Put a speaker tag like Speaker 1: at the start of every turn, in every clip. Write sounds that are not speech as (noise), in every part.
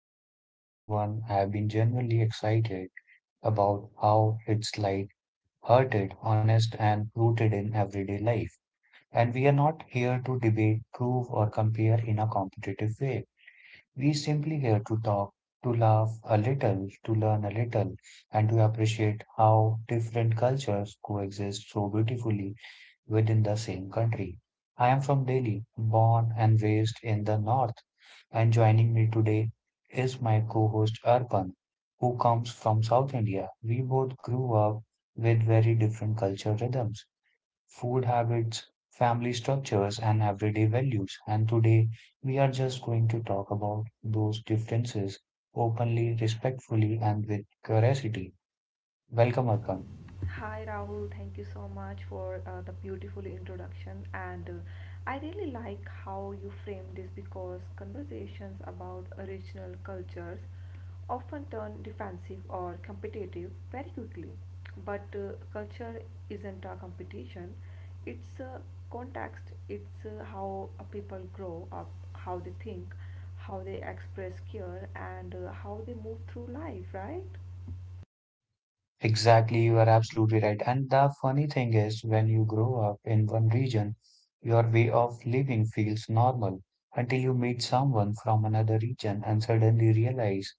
Speaker 1: episode is one I've been genuinely excited about how it's like hearted, honest and rooted in everyday life. And we are not here to debate, prove or compare in a competitive way. We simply here to talk, to laugh a little, to learn a little and to appreciate how different cultures coexist so beautifully within the same country. I am from Delhi, born and raised in the north, and joining me today is my co-host Arpan, who comes from South India. We both grew up with very different cultural rhythms, food habits, family structures, and everyday values. And today we are just going to talk about those differences openly, respectfully, and with curiosity. Welcome, Arpan.
Speaker 2: Hi Rahul, thank you so much for the beautiful introduction. And I really like how you frame this because conversations about original cultures often turn defensive or competitive very quickly. But culture isn't a competition, it's a context, it's how people grow up, how they think, how they express care, and how they move through life, right?
Speaker 1: Exactly, you are absolutely right. And the funny thing is, when you grow up in one region, your way of living feels normal until you meet someone from another region and suddenly realize,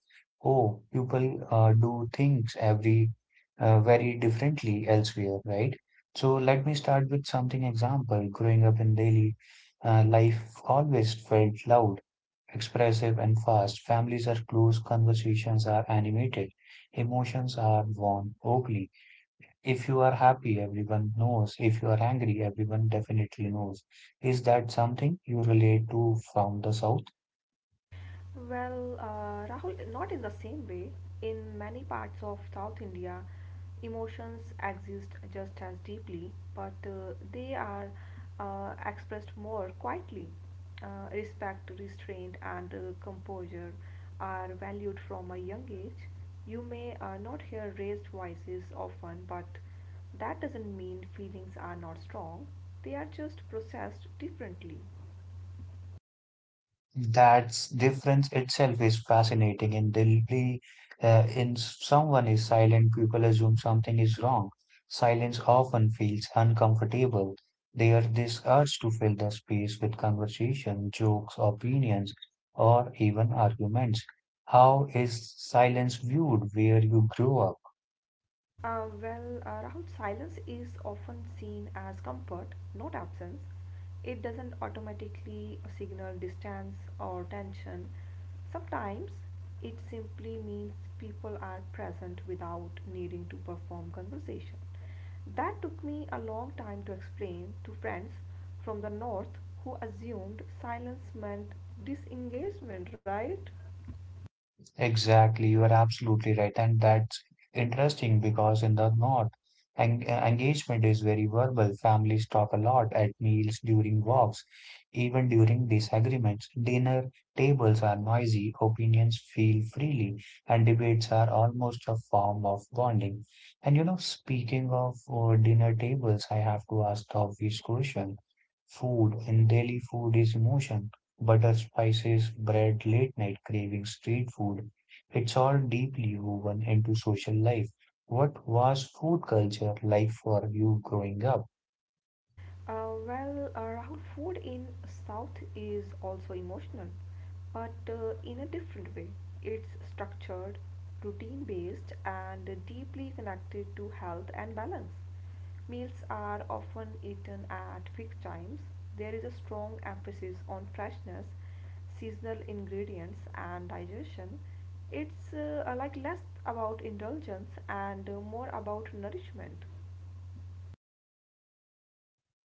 Speaker 1: oh, people do things every very differently elsewhere, right? So let me start with something example. Growing up in daily life always felt loud expressive and fast. Families are close, conversations are animated, emotions are worn openly. If you are happy, everyone knows. If you are angry, everyone definitely knows. Is that something you relate to from the South?
Speaker 2: Well, Rahul, not in the same way. In many parts of South India, emotions exist just as deeply, but they are expressed more quietly. Respect, restraint, and composure are valued from a young age. You may not hear raised voices often, but that doesn't mean feelings are not strong. They are just processed differently.
Speaker 1: That difference itself is fascinating. In Delhi, in someone is silent, people assume something is wrong. Silence often feels uncomfortable. There is this urge to fill the space with conversation, jokes, opinions, or even arguments. How is silence viewed where you grew up?
Speaker 2: Rahul, silence is often seen as comfort, not absence. It doesn't automatically signal distance or tension. Sometimes it simply means people are present without needing to perform conversation. That took me a long time to explain to friends from the north who assumed silence meant disengagement, right?
Speaker 1: Exactly, you are absolutely right, and that's interesting because in the north, engagement is very verbal. Families talk a lot at meals, during walks, even during disagreements. Dinner tables are noisy, opinions feel freely, and debates are almost a form of bonding. And you know, speaking of dinner tables, I have to ask the obvious question. Food in Delhi food is emotion. Butter, spices, bread, late night craving, street food. It's all deeply woven into social life. What was food culture like for you growing up?
Speaker 2: Rahul, food in South is also emotional, but in a different way. It's structured, routine based, and deeply connected to health and balance. Meals are often eaten at fixed times. There is a strong emphasis on freshness, seasonal ingredients, and digestion. It's like less about indulgence and more about nourishment.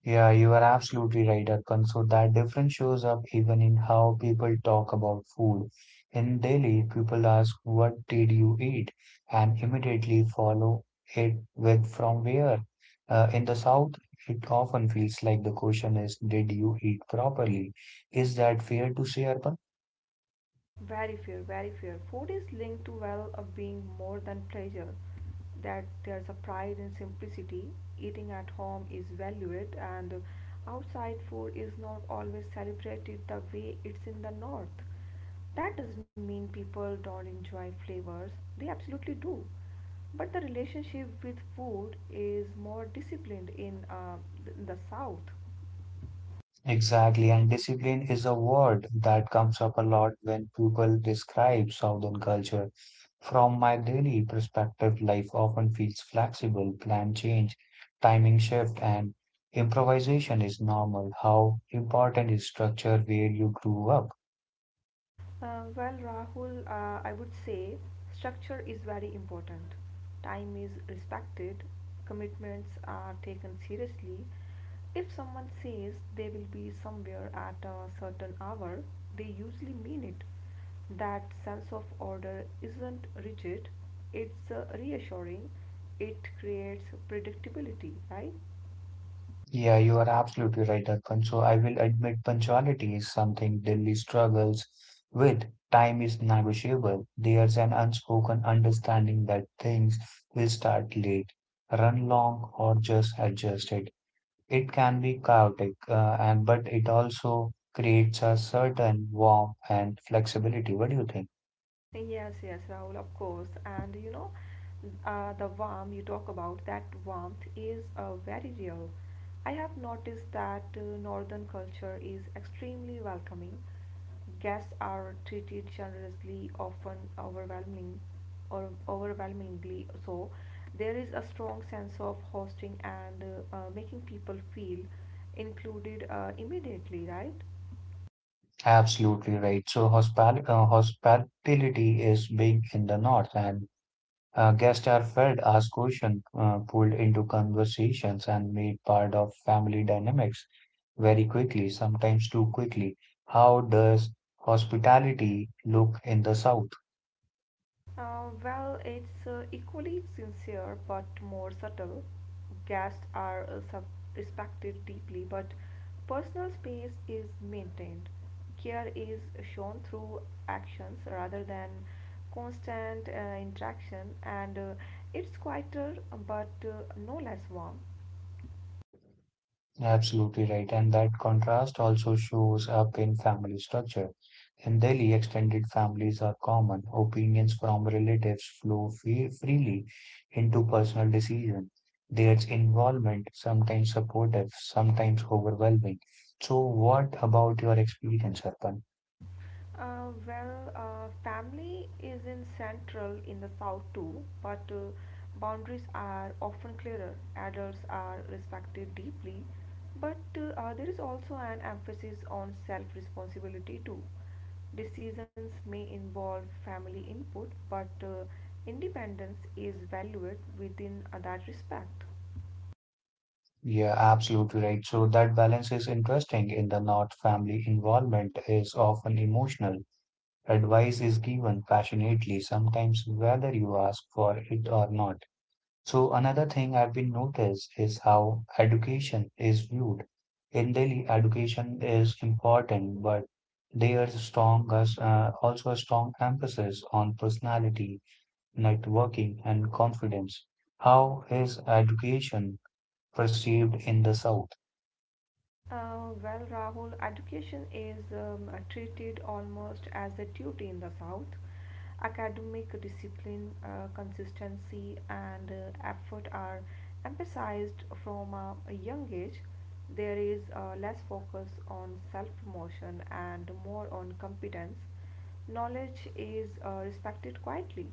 Speaker 1: Yeah, you are absolutely right, Arkan. So that difference shows up even in how people talk about food. In Delhi, people ask, what did you eat? And immediately follow it with from where. In the South, it often feels like the question is, did you eat properly? Is that fair to say, Arpan?
Speaker 2: Very fair, very fair. Food is linked to well of being more than pleasure. That there's a pride in simplicity. Eating at home is valued, and outside food is not always celebrated the way it's in the north. That doesn't mean people don't enjoy flavors, they absolutely do. But the relationship with food is more disciplined in the south.
Speaker 1: Exactly, and discipline is a word that comes up a lot when people describe Southern culture. From my daily perspective, life often feels flexible, plan change, timing shift, and improvisation is normal. How important is structure where you grew up?
Speaker 2: Rahul, I would say structure is very important. Time is respected, commitments are taken seriously. If someone says they will be somewhere at a certain hour, they usually mean it. That sense of order isn't rigid, it's reassuring, it creates predictability, right?
Speaker 1: Yeah, you are absolutely right, Arpan. So I will admit punctuality is something Delhi struggles with. Time is negotiable. There's an unspoken understanding that things will start late, run long, or just adjust it. It can be chaotic, and but it also creates a certain warmth and flexibility. What do you think?
Speaker 2: Yes, yes, Rahul, of course. And you know, the warmth you talk about, that warmth is very real. I have noticed that northern culture is extremely welcoming. Guests are treated generously, often overwhelming or overwhelmingly so. There is a strong sense of hosting and making people feel included immediately, right?
Speaker 1: Absolutely right. So hospitality is big in the north, and guests are fed, asked questions, pulled into conversations, and made part of family dynamics very quickly, sometimes too quickly. How does hospitality look in the South?
Speaker 2: Well, it's equally sincere but more subtle. Guests are respected deeply, but personal space is maintained. Care is shown through actions rather than constant interaction, and it's quieter but no less warm.
Speaker 1: Absolutely right. And that contrast also shows up in family structure. In Delhi, extended families are common. Opinions from relatives flow freely into personal decision. There's involvement, sometimes supportive, sometimes overwhelming. So, what about your experience, Arpan?
Speaker 2: Family is in central in the south too, but boundaries are often clearer. Adults are respected deeply, but there is also an emphasis on self responsibility too. Decisions may involve family input, but independence is valued within that respect.
Speaker 1: Yeah, absolutely right. So that balance is interesting. In the North, family involvement is often emotional. Advice is given passionately, sometimes whether you ask for it or not. So another thing I've been noticed is how education is viewed. In Delhi, education is important, but there's also a strong emphasis on personality, networking, and confidence. How is education perceived in the South?
Speaker 2: Rahul, education is treated almost as a duty in the South. Academic discipline, consistency, and effort are emphasized from a young age. There is less focus on self promotion and more on competence. Knowledge is respected quietly.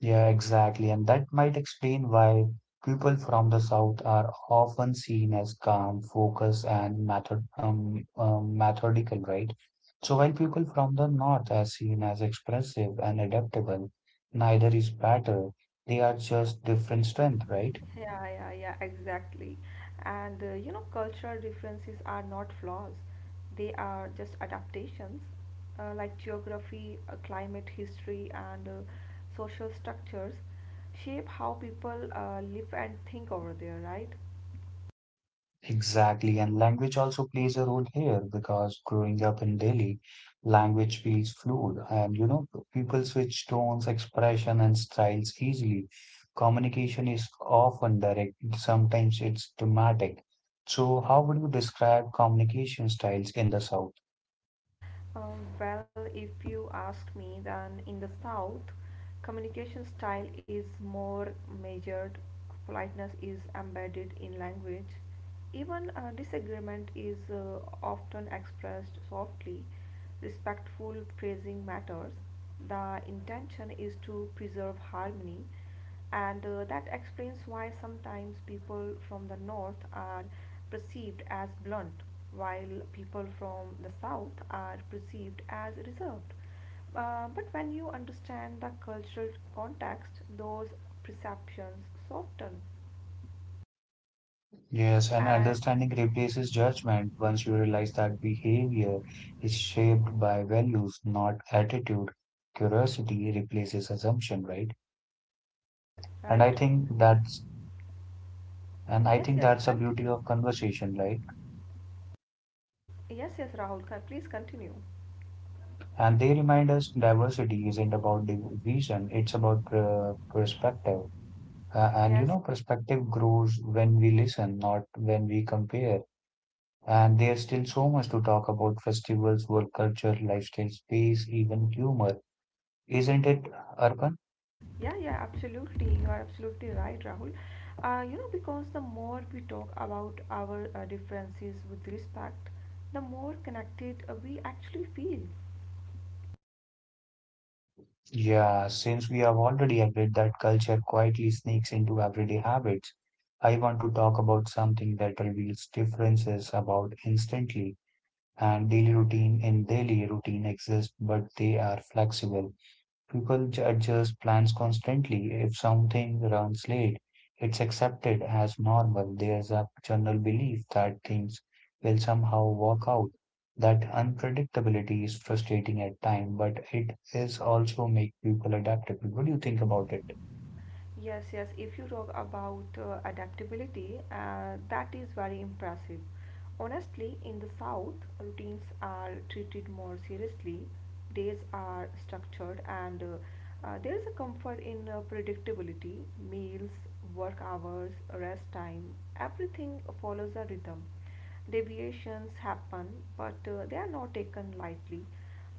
Speaker 1: Yeah, exactly. And that might explain why people from the South are often seen as calm, focused, and methodical, right? So while people from the North are seen as expressive and adaptable, neither is better. They are just different strength, right?
Speaker 2: Yeah, yeah, yeah, exactly. And you know, cultural differences are not flaws, they are just adaptations, like geography, climate, history, and social structures shape how people live and think over there, right?
Speaker 1: Exactly, and language also plays a role here because growing up in Delhi, language feels fluid, and you know, people switch tones, expression, and styles easily. Communication is often direct, sometimes it's dramatic. So, how would you describe communication styles in the South?
Speaker 2: Uh, well, if you ask me, then in the South, communication style is more measured, politeness is embedded in language, even disagreement is often expressed softly, respectful phrasing matters. The intention is to preserve harmony, and that explains why sometimes people from the north are perceived as blunt while people from the south are perceived as reserved, but when you understand the cultural context those perceptions soften.
Speaker 1: Yes, and
Speaker 2: And
Speaker 1: understanding replaces judgment once you realize that behavior is shaped by values, not attitude. Curiosity replaces assumption, right? And
Speaker 2: right,
Speaker 1: I
Speaker 2: right.
Speaker 1: think that's and I
Speaker 2: Yes,
Speaker 1: think
Speaker 2: yes,
Speaker 1: that's the beauty
Speaker 2: continue.
Speaker 1: of conversation, right?
Speaker 2: Yes, yes, please continue.
Speaker 1: And they remind us diversity isn't about division, it's about perspective. And you
Speaker 2: Yes.
Speaker 1: know, perspective grows when we listen, not when we compare. And there's still so much to talk about festivals, work culture, lifestyle, space, even humor. Isn't it, Arpan?
Speaker 2: Yeah, yeah, absolutely. You are absolutely right, Rahul. You know, because the more we talk about our differences with respect, the more connected we actually feel.
Speaker 1: Yeah, since we have already agreed that culture quietly sneaks into everyday habits, I want to talk about something that reveals differences about instantly and daily routine exist, but they are flexible. People adjust plans constantly. If something runs late, it's accepted as normal. There's a general belief that things will somehow work out. That unpredictability is frustrating at times, but it is also make people adaptable. What do you think about it?
Speaker 2: Yes, yes. If you talk about adaptability, that is very impressive. Honestly, in the South, routines are treated more seriously, days are structured, and there is a comfort in predictability. Meals, work hours, rest time, everything follows a rhythm. Deviations happen, but they are not taken lightly.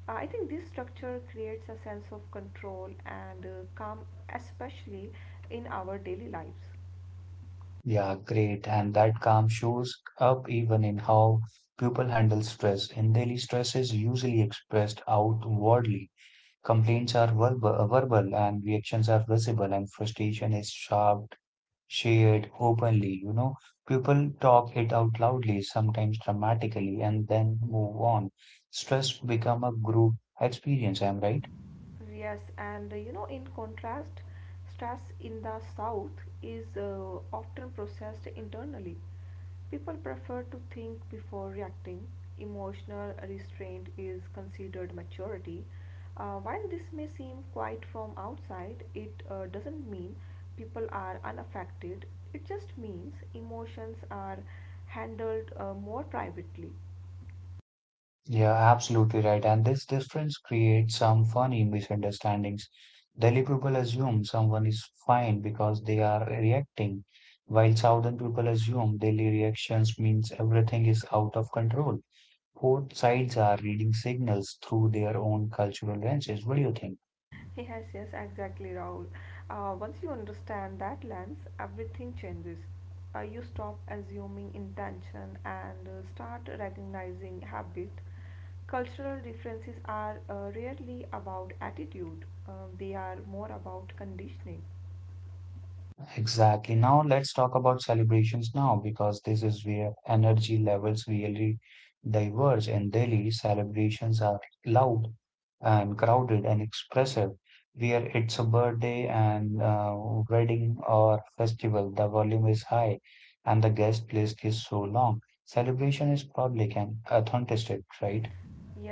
Speaker 2: I think this structure creates a sense of control and calm, especially in our daily lives.
Speaker 1: Yeah, great. And that calm shows up even in how people handle stress. And daily stress is usually expressed outwardly. Complaints are verbal and reactions are visible, and frustration is sharp, shared openly. You know, people talk it out loudly, sometimes dramatically, and then move on. Stress become a group experience. I'm right.
Speaker 2: Yes, and you know, in contrast, stress in the South is often processed internally. People prefer to think before reacting. Emotional restraint is considered maturity. While this may seem quiet from outside, it doesn't mean people are unaffected. It just means emotions are handled more privately.
Speaker 1: Yeah, absolutely right. And this difference creates some funny misunderstandings. Delhi people assume someone is fine because they are reacting, while southern people assume daily reactions means everything is out of control. Both sides are reading signals through their own cultural lenses. What do you think?
Speaker 2: Yes, yes, exactly, Rahul. Once you understand that lens, everything changes. You stop assuming intention and start recognizing habit. Cultural differences are rarely about attitude, they are more about conditioning.
Speaker 1: Exactly. Now let's talk about celebrations now because this is where energy levels really diverge. In Delhi, celebrations are loud and crowded and expressive. Where it's a birthday and wedding or festival, the volume is high and the guest list is so long. Celebration is public and authentic, right?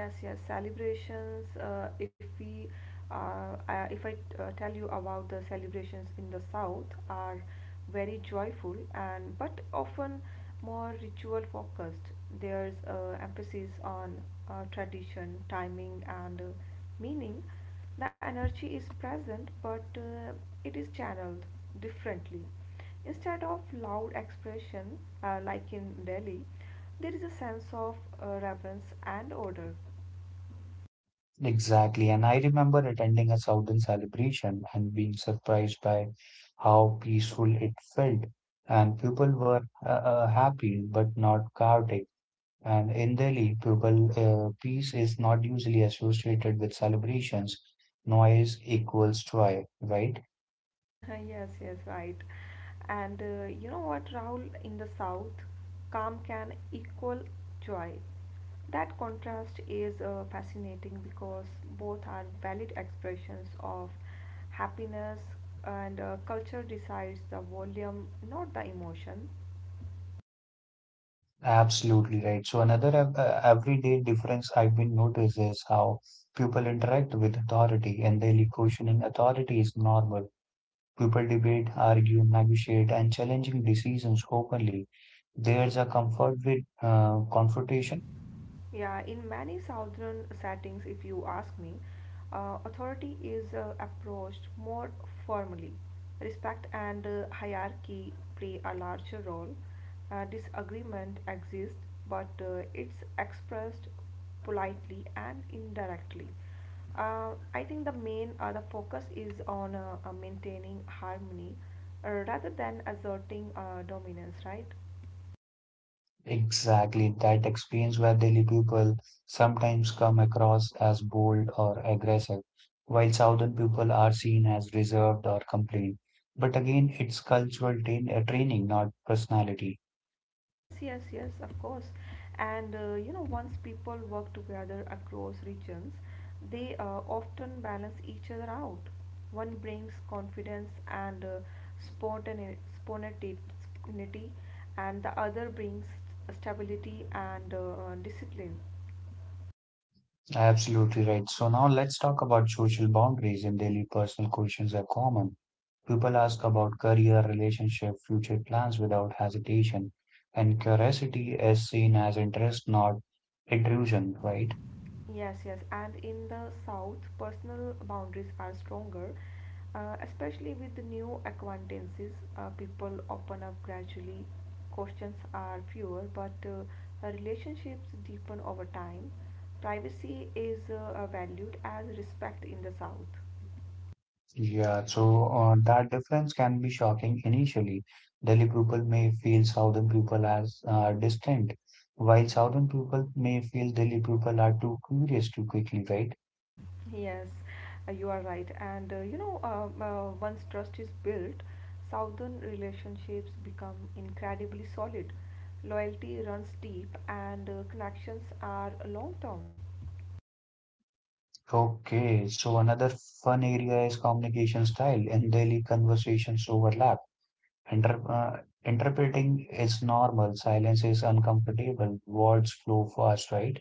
Speaker 2: Yes, yes, celebrations. If I tell you about the celebrations in the South, are very joyful and but often more ritual focused. There's emphasis on tradition, timing, and meaning. The energy is present, but it is channeled differently. Instead of loud expression like in Delhi, there is a sense of reverence and order.
Speaker 1: Exactly. And I remember attending a Southern celebration and being surprised by how peaceful it felt. And people were happy but not chaotic. And in Delhi, people peace is not usually associated with celebrations. Noise equals joy, right?
Speaker 2: (laughs) Yes, yes, right. And you know what, Rahul, in the south, calm can equal joy. That contrast is fascinating because both are valid expressions of happiness, and culture decides the volume, not the emotion.
Speaker 1: Absolutely right. So another everyday difference I've been noticed is how people interact with authority. In Delhi, questioning authority is normal. People debate, argue, negotiate, and challenging decisions openly. There's a comfort with confrontation.
Speaker 2: Yeah, in many southern settings, if you ask me, authority is approached more formally. Respect and hierarchy play a larger role. Disagreement exists, but it's expressed politely and indirectly. I think the focus is on maintaining harmony rather than asserting dominance, right?
Speaker 1: Exactly that explains why Delhi people sometimes come across as bold or aggressive, while southern people are seen as reserved or complained. But again, it's cultural training, not personality.
Speaker 2: Yes, yes, yes, of course. And you know, once people work together across regions, they often balance each other out. One brings confidence and spontaneity, and the other brings stability and discipline.
Speaker 1: Absolutely right. So now let's talk about social boundaries in Delhi. Personal questions are common. People ask about career, relationship, future plans without hesitation, and curiosity is seen as interest, not intrusion, right?
Speaker 2: Yes, yes, and in the south, personal boundaries are stronger, especially with the new acquaintances. People open up gradually, questions are fewer, but relationships deepen over time. Privacy is valued as respect in the south.
Speaker 1: Yeah, so that difference can be shocking initially. Delhi people may feel southern people as distant, while southern people may feel Delhi people are too curious too quickly, right?
Speaker 2: Yes, you are right. And once trust is built, southern relationships become incredibly solid. Loyalty runs deep, and connections are long term.
Speaker 1: Okay, so another fun area is communication style. In Delhi, conversations overlap. Inter uh, Interpreting is normal. Silence is uncomfortable. Words flow fast, right?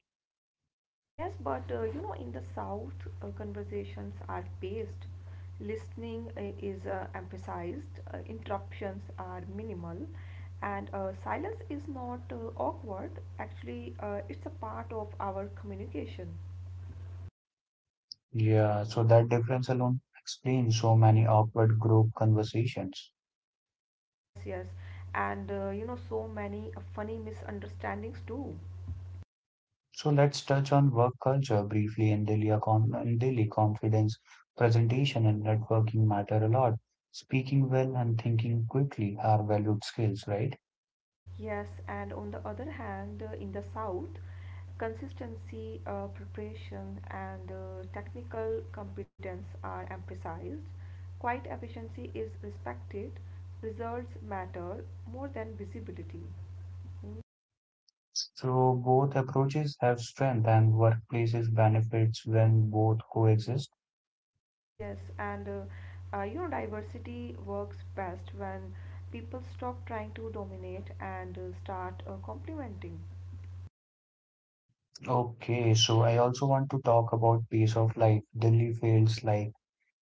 Speaker 2: Yes, but you know, in the South, conversations are paced, listening is emphasized, interruptions are minimal, and silence is not awkward. Actually, it's a part of our communication.
Speaker 1: Yeah, so that difference alone explains so many awkward group conversations.
Speaker 2: Yes, yes. And you know, so many funny misunderstandings too.
Speaker 1: So let's touch on work culture briefly in daily confidence, presentation, and networking matter a lot. Speaking well and thinking quickly are valued skills, right?
Speaker 2: Yes, and on the other hand, in the South, consistency, preparation, and technical competence are emphasized. Quiet efficiency is respected. Results matter more than visibility.
Speaker 1: So both approaches have strength and workplaces benefits when both coexist.
Speaker 2: Yes, yes, and you know, diversity works best when people stop trying to dominate and start complementing.
Speaker 1: Okay, so I also want to talk about pace of life. Delhi feels like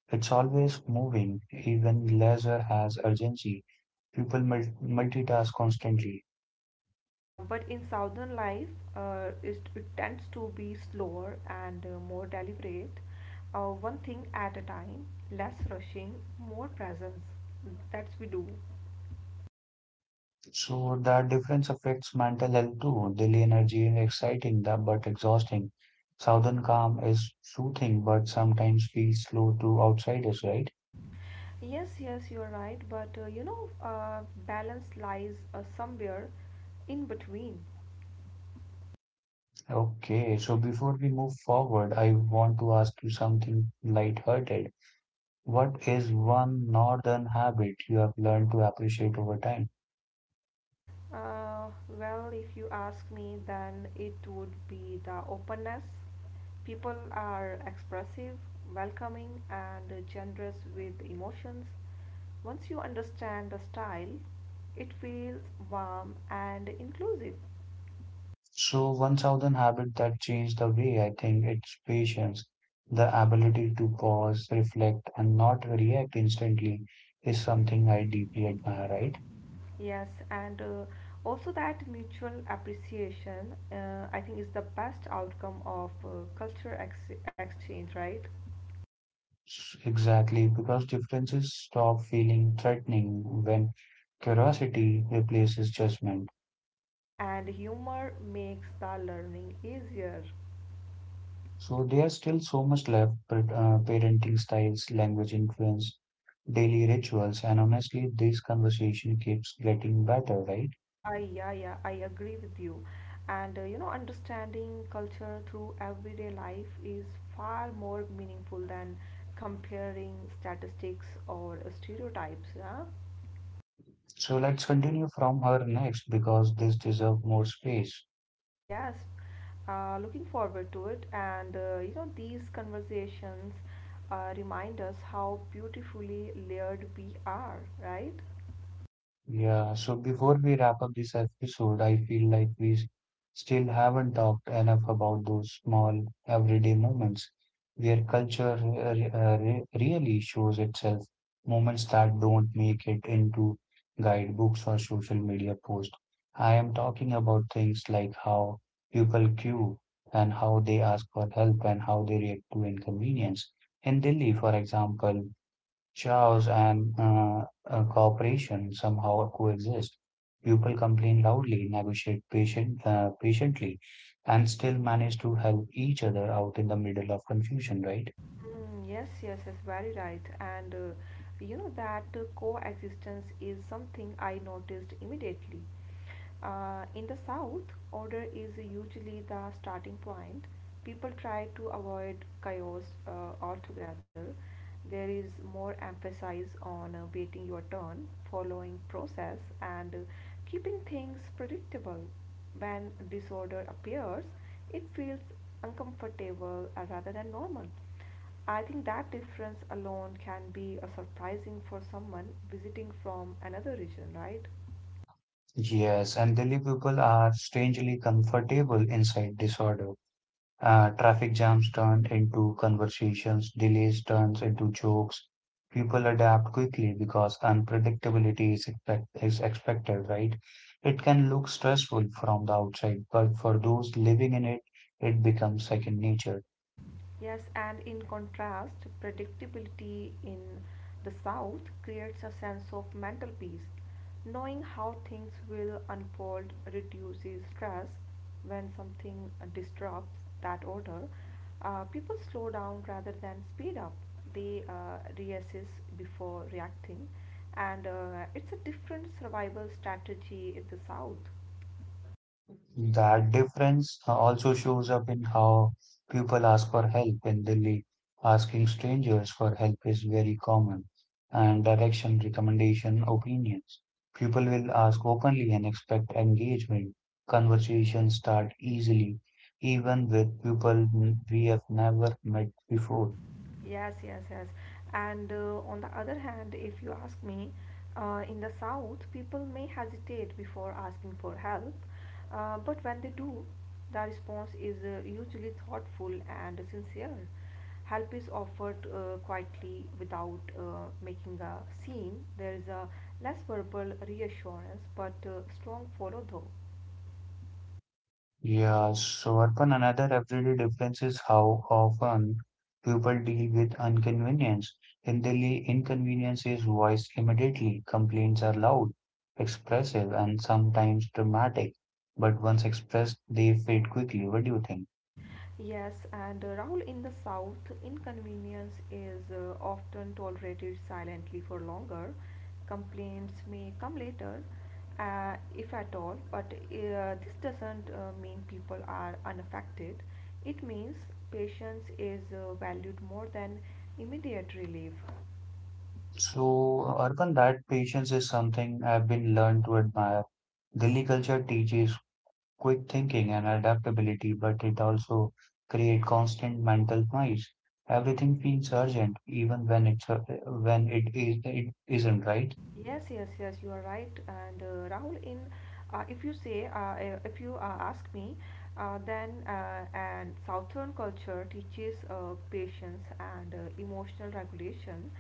Speaker 1: it's always moving, even leisure has urgency. People multitask constantly.
Speaker 2: Yeah, but in southern life, it tends to be slower and more deliberate, one thing at a time, less rushing, more presence. That's we do.
Speaker 1: So that difference affects mental health too. Delhi energy is exciting that but exhausting. Southern calm is soothing but sometimes feels slow to outsiders, right?
Speaker 2: Yes, yes, you're right, but balance lies somewhere in between.
Speaker 1: Okay, so before we move forward, I want to ask you something light-hearted. What is one northern habit you have learned to appreciate over time?
Speaker 2: Uh, well, if you ask me, then it would be the openness. People are expressive, welcoming, and generous with emotions. Once you understand the style, it feels warm and inclusive.
Speaker 1: So, one southern habit that changed the way I think it's patience, the ability to pause, reflect, and not react instantly is something I deeply admire, right?
Speaker 2: Yes, and also that mutual appreciation, I think, is the best outcome of exchange, right?
Speaker 1: Exactly, because differences stop feeling threatening when curiosity replaces judgment.
Speaker 2: And humor makes the learning easier.
Speaker 1: So there's still so much left, but parenting styles, language influence, daily rituals, and honestly, this conversation keeps getting better, right?
Speaker 2: I yeah, yeah, I agree with you, and you know, understanding culture through everyday life is far more meaningful than comparing statistics or stereotypes. Yeah,
Speaker 1: So let's continue from her next because this deserves more space.
Speaker 2: yes. Looking forward to it, and you know these conversations remind us how beautifully layered we are, right?
Speaker 1: Yeah, so before we wrap up this episode, I feel like we still haven't talked enough about those small everyday moments where culture really shows itself, moments that don't make it into guidebooks or social media posts. I am talking about things like how people queue and how they ask for help and how they react to inconvenience. In Delhi, for example, chaos and cooperation somehow coexist. People complain loudly, negotiate patiently, and still manage to help each other out in the middle of confusion, right?
Speaker 2: Mm, yes, yes, yes, very right. And you know that coexistence is something I noticed immediately. In the south, order is usually the starting point. People try to avoid chaos altogether. There is more emphasis on waiting your turn, following process, and keeping things predictable. When disorder appears, it feels uncomfortable rather than normal. I think that difference alone can be a surprising for someone visiting from another region, right?
Speaker 1: Yes, and Delhi people are strangely comfortable inside disorder. Traffic jams turn into conversations, delays turns into jokes. People adapt quickly because unpredictability is expected, right? It can look stressful from the outside, but for those living in it, it becomes second nature.
Speaker 2: Yes, and in contrast, predictability in the South creates a sense of mental peace. Knowing how things will unfold reduces stress. When something disrupts that order, people slow down rather than speed up. They reassess before reacting, and it's a different survival strategy in the South.
Speaker 1: That difference also shows up in how people ask for help in Delhi. Asking strangers for help is very common, and direction, recommendation, opinions. People will ask openly and expect engagement. Conversations start easily, even with people we have never met before.
Speaker 2: Yes, yes, yes. And On the other hand, if you ask me, in the South, people may hesitate before asking for help, but when they do, the response is usually thoughtful and sincere. Help is offered quietly without making a scene. There is a less verbal reassurance, but strong follow through.
Speaker 1: Yeah, so Arpan, another everyday difference is how often people deal with inconvenience. In Delhi, inconvenience is voiced immediately. Complaints are loud, expressive, and sometimes dramatic. But once expressed, they fade quickly. What do you think?
Speaker 2: Yes, and Rahul, in the South, inconvenience is often tolerated silently for longer. Complaints may come later, if at all, but this doesn't mean people are unaffected. It means patience is valued more than immediate relief.
Speaker 1: So, Arpan, that patience is something I've been learned to admire. Delhi culture teaches quick thinking and adaptability, but it also create constant mental noise. Everything feels urgent, even when it isn't, right?
Speaker 2: Yes, yes, yes, you are right. And Rahul, in if you say, if you ask me, then and Southern culture teaches patience and emotional regulation,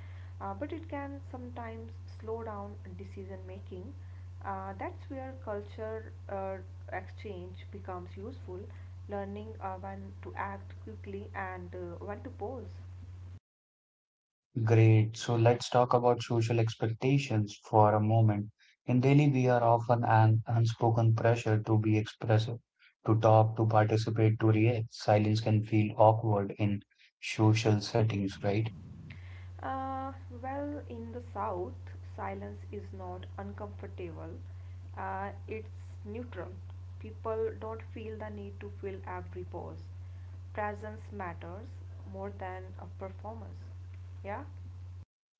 Speaker 2: but it can sometimes slow down decision making. That's where culture exchange becomes useful, learning when to act quickly and when to pause.
Speaker 1: Great. So let's talk about social expectations for a moment. In daily, we are often an unspoken pressure to be expressive, to talk, to participate, to react. Silence can feel awkward in social settings, right?
Speaker 2: Uh, well, in the South, silence is not uncomfortable, it's neutral. People don't feel the need to fill every pause. Presence matters more than a performance. Yeah?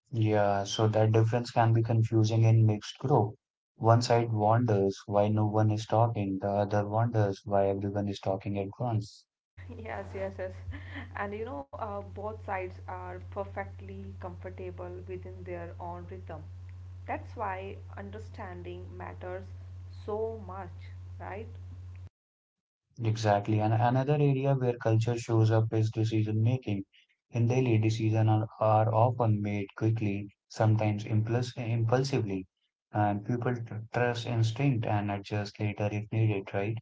Speaker 1: Yeah, so that difference can be confusing in mixed group. One side wonders why no one is talking, the other wonders why everyone is talking at once.
Speaker 2: (laughs) Yes, yes, yes. And you know, both sides are perfectly comfortable within their own rhythm. That's why understanding matters so much, right?
Speaker 1: Exactly. And another area where culture shows up is decision making. In daily decisions are often made quickly, sometimes impulsively, and people trust instinct and adjust later if needed, right?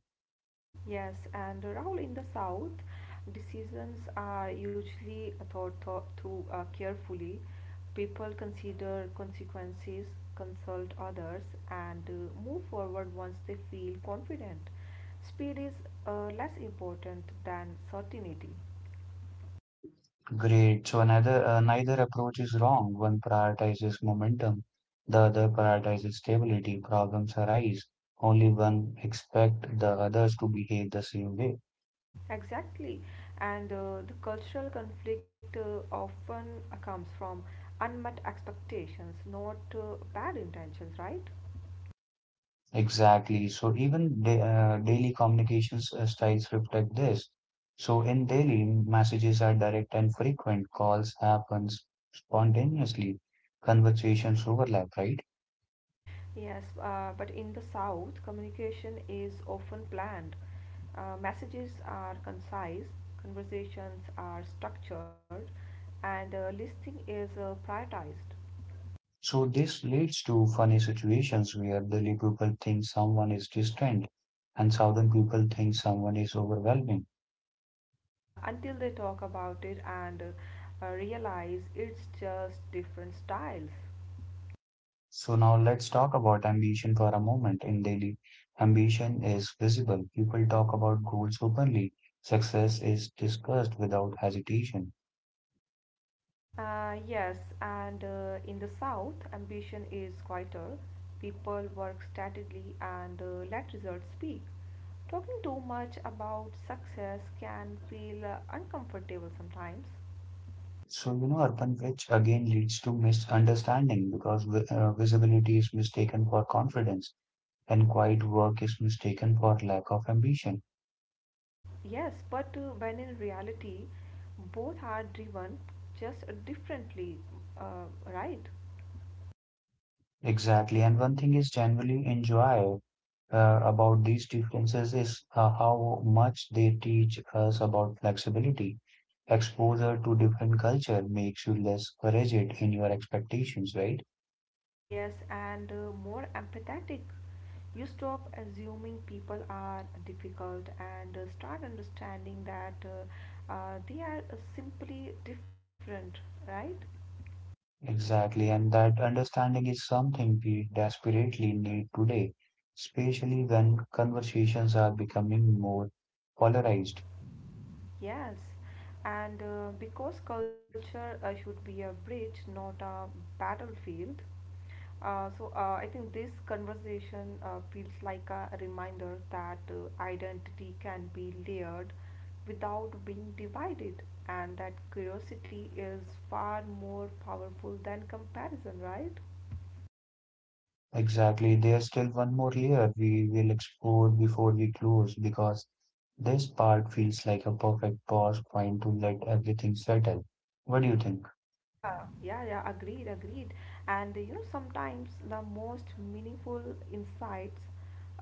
Speaker 2: Yes, and Rahul, in the South, decisions are usually thought through carefully. People consider consequences, consult others, and move forward once they feel confident. Speed is less important than certainty.
Speaker 1: Great. So another neither approach is wrong. One prioritizes momentum, the other prioritizes stability. Problems arise. Only one expect the others to behave the same way.
Speaker 2: Exactly, and the cultural conflict often comes from unmet expectations, not bad intentions, right?
Speaker 1: Exactly. So even da daily communications styles reflect this. So in daily, messages are direct and frequent. Calls happens spontaneously. Conversations overlap, right?
Speaker 2: Yes, but in the South, communication is often planned. Messages are concise, conversations are structured, and listening is prioritized
Speaker 1: So this leads to funny situations where Delhi people think someone is distant and southern people think someone is overwhelming.
Speaker 2: until they talk about it and realize it's just different styles.
Speaker 1: So now let's talk about ambition for a moment in Delhi. Ambition is visible. People talk about goals openly. Success is discussed without hesitation.
Speaker 2: Yes, and in the South, ambition is quieter. People work steadily and let results speak. Talking too much about success can feel uncomfortable sometimes.
Speaker 1: So, you know, urban which again leads to misunderstanding because visibility is mistaken for confidence and quiet work is mistaken for lack of ambition.
Speaker 2: Yes, but when in reality, both are driven just differently, uh, right?
Speaker 1: Exactly. And one thing is generally enjoy about these differences is how much they teach us about flexibility. Exposure to different culture makes you less rigid in your expectations, right?
Speaker 2: Yes, and more empathetic. You stop assuming people are difficult and start understanding that they are simply different, right?
Speaker 1: Exactly. And that understanding is something we desperately need today, especially when conversations are becoming more polarized.
Speaker 2: Yes, and because culture should be a bridge, not a battlefield. So I think this conversation feels like a reminder that identity can be layered without being divided, and that curiosity is far more powerful than comparison, right?
Speaker 1: Exactly. There's still one more layer we will explore before we close because this part feels like a perfect pause point to let everything settle. What do you think?
Speaker 2: Yeah, yeah, yeah, agreed, agreed. And you know, sometimes the most meaningful insights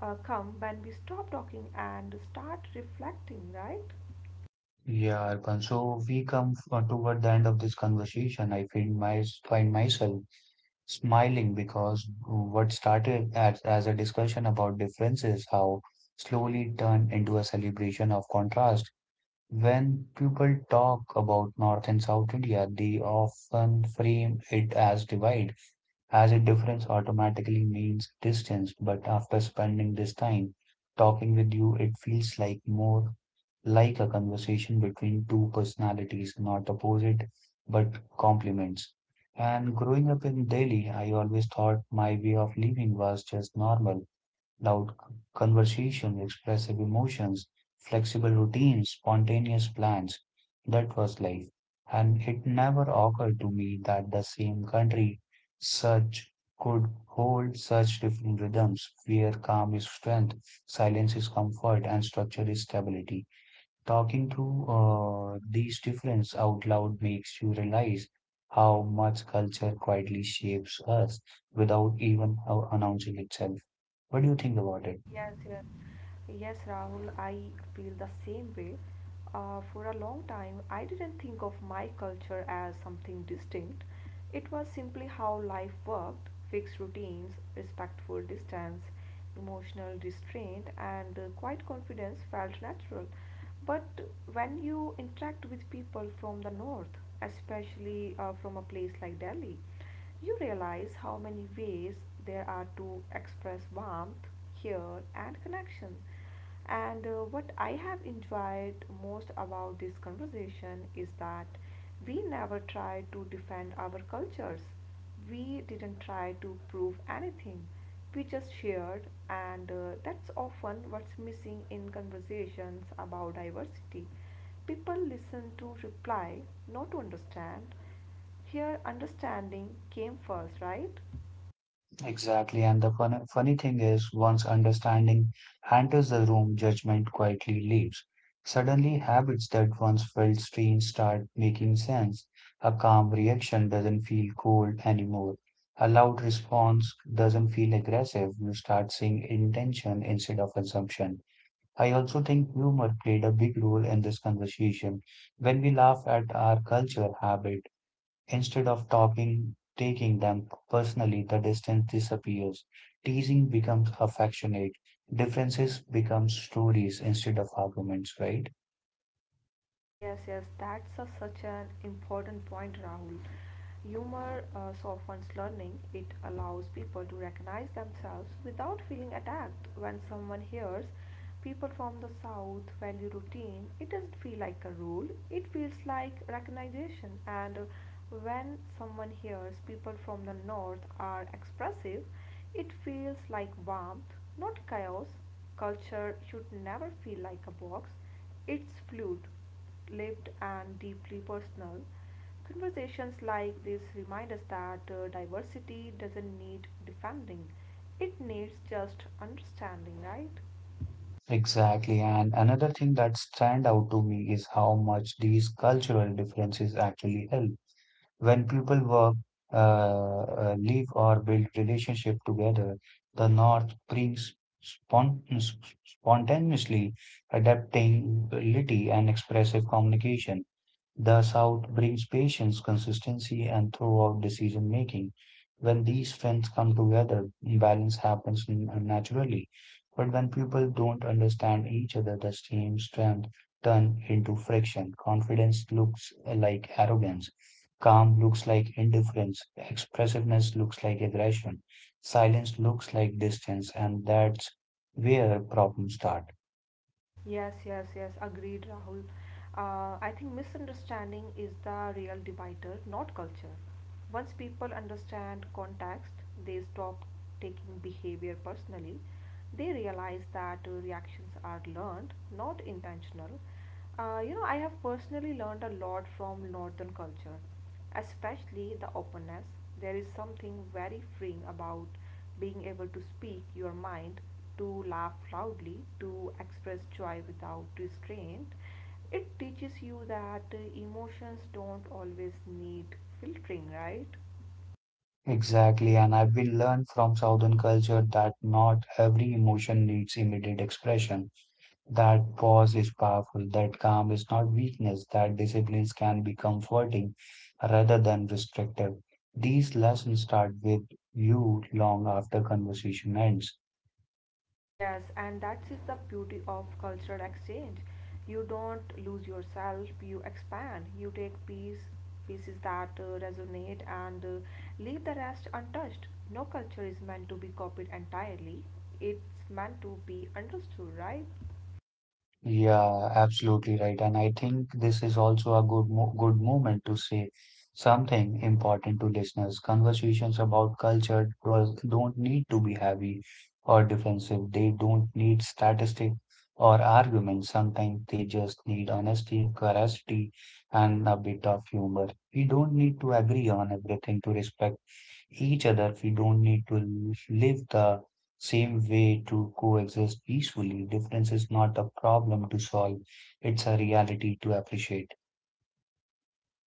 Speaker 2: come when we stop talking and start reflecting, right?
Speaker 1: Yeah, Arpan. So we come toward the end of this conversation. I feel my find myself smiling because what started as a discussion about differences, how slowly turned into a celebration of contrast. When people talk about North and South India, they often frame it as divide, as if difference automatically means distance. But after spending this time talking with you, it feels like more like a conversation between two personalities, not opposite, but complements. And growing up in Delhi, I always thought my way of living was just normal. Loud conversation, expressive emotions, flexible routines, spontaneous plans. That was life. And it never occurred to me that the same country such could hold such different rhythms, where calm is strength, silence is comfort, and structure is stability. Talking through these differences out loud makes you realize how much culture quietly shapes us without even announcing itself. What do you think about it?
Speaker 2: Yes, yes, yes, Rahul, I feel the same way. For a long time, I didn't think of my culture as something distinct. It was simply how life worked fixed routines, respectful distance, emotional restraint, and quiet confidence felt natural. But when you interact with people from the north, especially from a place like Delhi, you realize how many ways there are to express warmth, care, and connection. And what I have enjoyed most about this conversation is that we never tried to defend our cultures. We didn't try to prove anything. We just shared, and that's often what's missing in conversations about diversity. People listen to reply, not to understand. Here, understanding came first, right?
Speaker 1: Exactly. And the funny thing is, once understanding enters the room, judgment quietly leaves. Suddenly, habits that once felt strange start making sense. A calm reaction doesn't feel cold anymore. A loud response doesn't feel aggressive. You start seeing intention instead of assumption. I also think humor played a big role in this conversation. When we laugh at our culture habit, instead of taking them personally, the distance disappears. Teasing becomes affectionate. Differences become stories instead of arguments, right?
Speaker 2: Yes, yes, that's such an important point, Rahul. Humor softens learning. It allows people to recognize themselves without feeling attacked. When someone hears people from the South value routine, it doesn't feel like a rule, it feels like recognition. And when someone hears people from the North are expressive, it feels like warmth, not chaos. Culture should never feel like a box, it's fluid lived and deeply personal. Conversations like this remind us that diversity doesn't need defending, it needs just understanding, right?
Speaker 1: Exactly. And another thing that stand out to me is how much these cultural differences actually help. When people work, live or build relationship together, the North brings spon spontaneously adaptability and expressive communication. Thus out brings patience, consistency, and throughout decision making. When these strengths come together, balance happens naturally. But when people don't understand each other, the same strength turn into friction. Confidence looks like arrogance. Calm looks like indifference. Expressiveness looks like aggression. Silence looks like distance, and that's where problems start.
Speaker 2: Yes, yes, yes, agreed, Rahul. I think misunderstanding is the real divider, not culture. Once people understand context, they stop taking behavior personally. They realize that reactions are learned, not intentional. You know, I have personally learned a lot from Northern culture, especially the openness. There is something very freeing about being able to speak your mind, to laugh loudly, to express joy without restraint. It teaches you that emotions don't always need filtering, right?
Speaker 1: Exactly, and I've been learned from Southern culture that not every emotion needs immediate expression. That pause is powerful, that calm is not weakness, that disciplines can be comforting rather than restrictive. These lessons start with you long after conversation ends.
Speaker 2: Yes, and that is the beauty of cultural exchange. You don't lose yourself, you expand, you take pieces that resonate and leave the rest untouched. No culture is meant to be copied entirely, it's meant to be understood, right?
Speaker 1: Yeah, absolutely right. And I think this is also a good moment to say something important to listeners. Conversations about culture don't need to be heavy or defensive. They don't need statistics or arguments. Sometimes they just need honesty, curiosity, and a bit of humor. We don't need to agree on everything to respect each other. We don't need to live the same way to coexist peacefully. Difference is not a problem to solve, it's a reality to appreciate.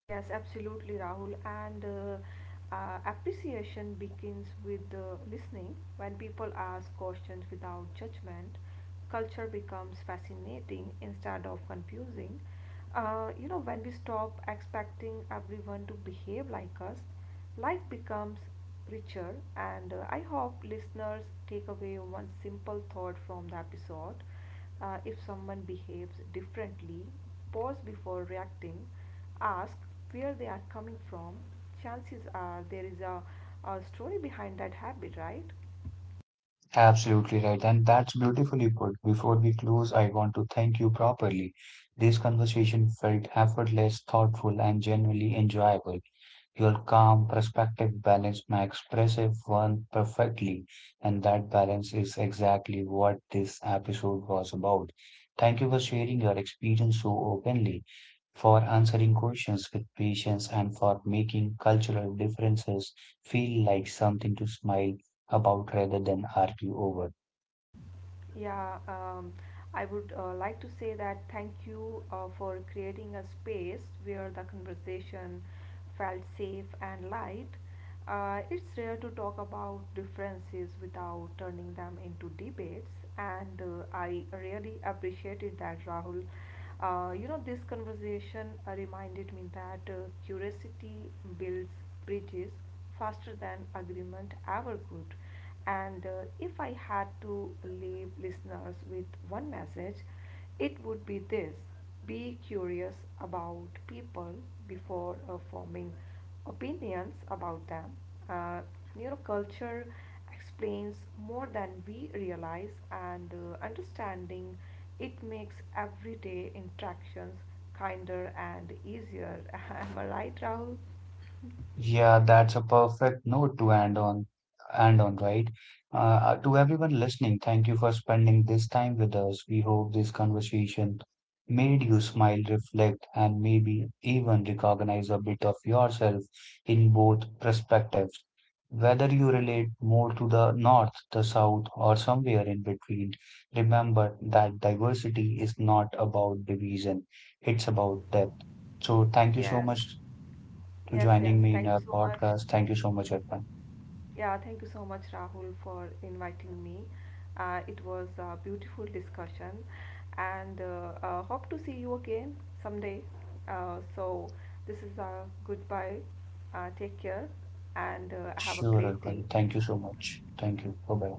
Speaker 2: Yes, absolutely, Rahul. And Appreciation begins with listening. When people ask questions without judgment, culture becomes fascinating instead of confusing. You know, when we stop expecting everyone to behave like us, life becomes richer. And I hope listeners take away one simple thought from the episode: if someone behaves differently, pause before reacting, ask where they are coming from. Chances are there is a story behind that habit, right?
Speaker 1: Absolutely right, and that's beautifully put. Before we close, I want to thank you properly. This conversation felt effortless, thoughtful, and genuinely enjoyable. Your calm, perspective balance my expressive one perfectly, and that balance is exactly what this episode was about. Thank you for sharing your experience so openly, for answering questions with patience, and for making cultural differences feel like something to smile about rather than argue over.
Speaker 2: Yeah, I would like to say that thank you for creating a space where the conversation felt safe and light. It's rare to talk about differences without turning them into debates, and I really appreciated that, Rahul. You know, this conversation reminded me that curiosity builds bridges faster than agreement ever could. And if I had to leave listeners with one message, it would be this: be curious about people before forming opinions about them. Uh, you know, culture explains more than we realize, and understanding it makes everyday interactions kinder and easier. (laughs) Am I right, Rahul?
Speaker 1: Yeah, that's a perfect note to end on, right? Uh, to everyone listening, thank you for spending this time with us. We hope this conversation made you smile, reflect, and maybe even recognize a bit of yourself in both perspectives. Whether you relate more to the north, the south, or somewhere in between, remember that diversity is not about division, it's about depth. So, thank you so
Speaker 2: Yes,
Speaker 1: much to
Speaker 2: yes, yes.
Speaker 1: joining me in
Speaker 2: Thank you
Speaker 1: our
Speaker 2: so much.
Speaker 1: podcast. Thank you so much, Arpan.
Speaker 2: Yeah, thank you so much, Rahul, for inviting me. It was a beautiful discussion, and hope to see you again someday. So, this is a goodbye. Take care, and have a
Speaker 1: Sure,
Speaker 2: great day.
Speaker 1: Arpan. Thank you so much. Thank you. Bye bye.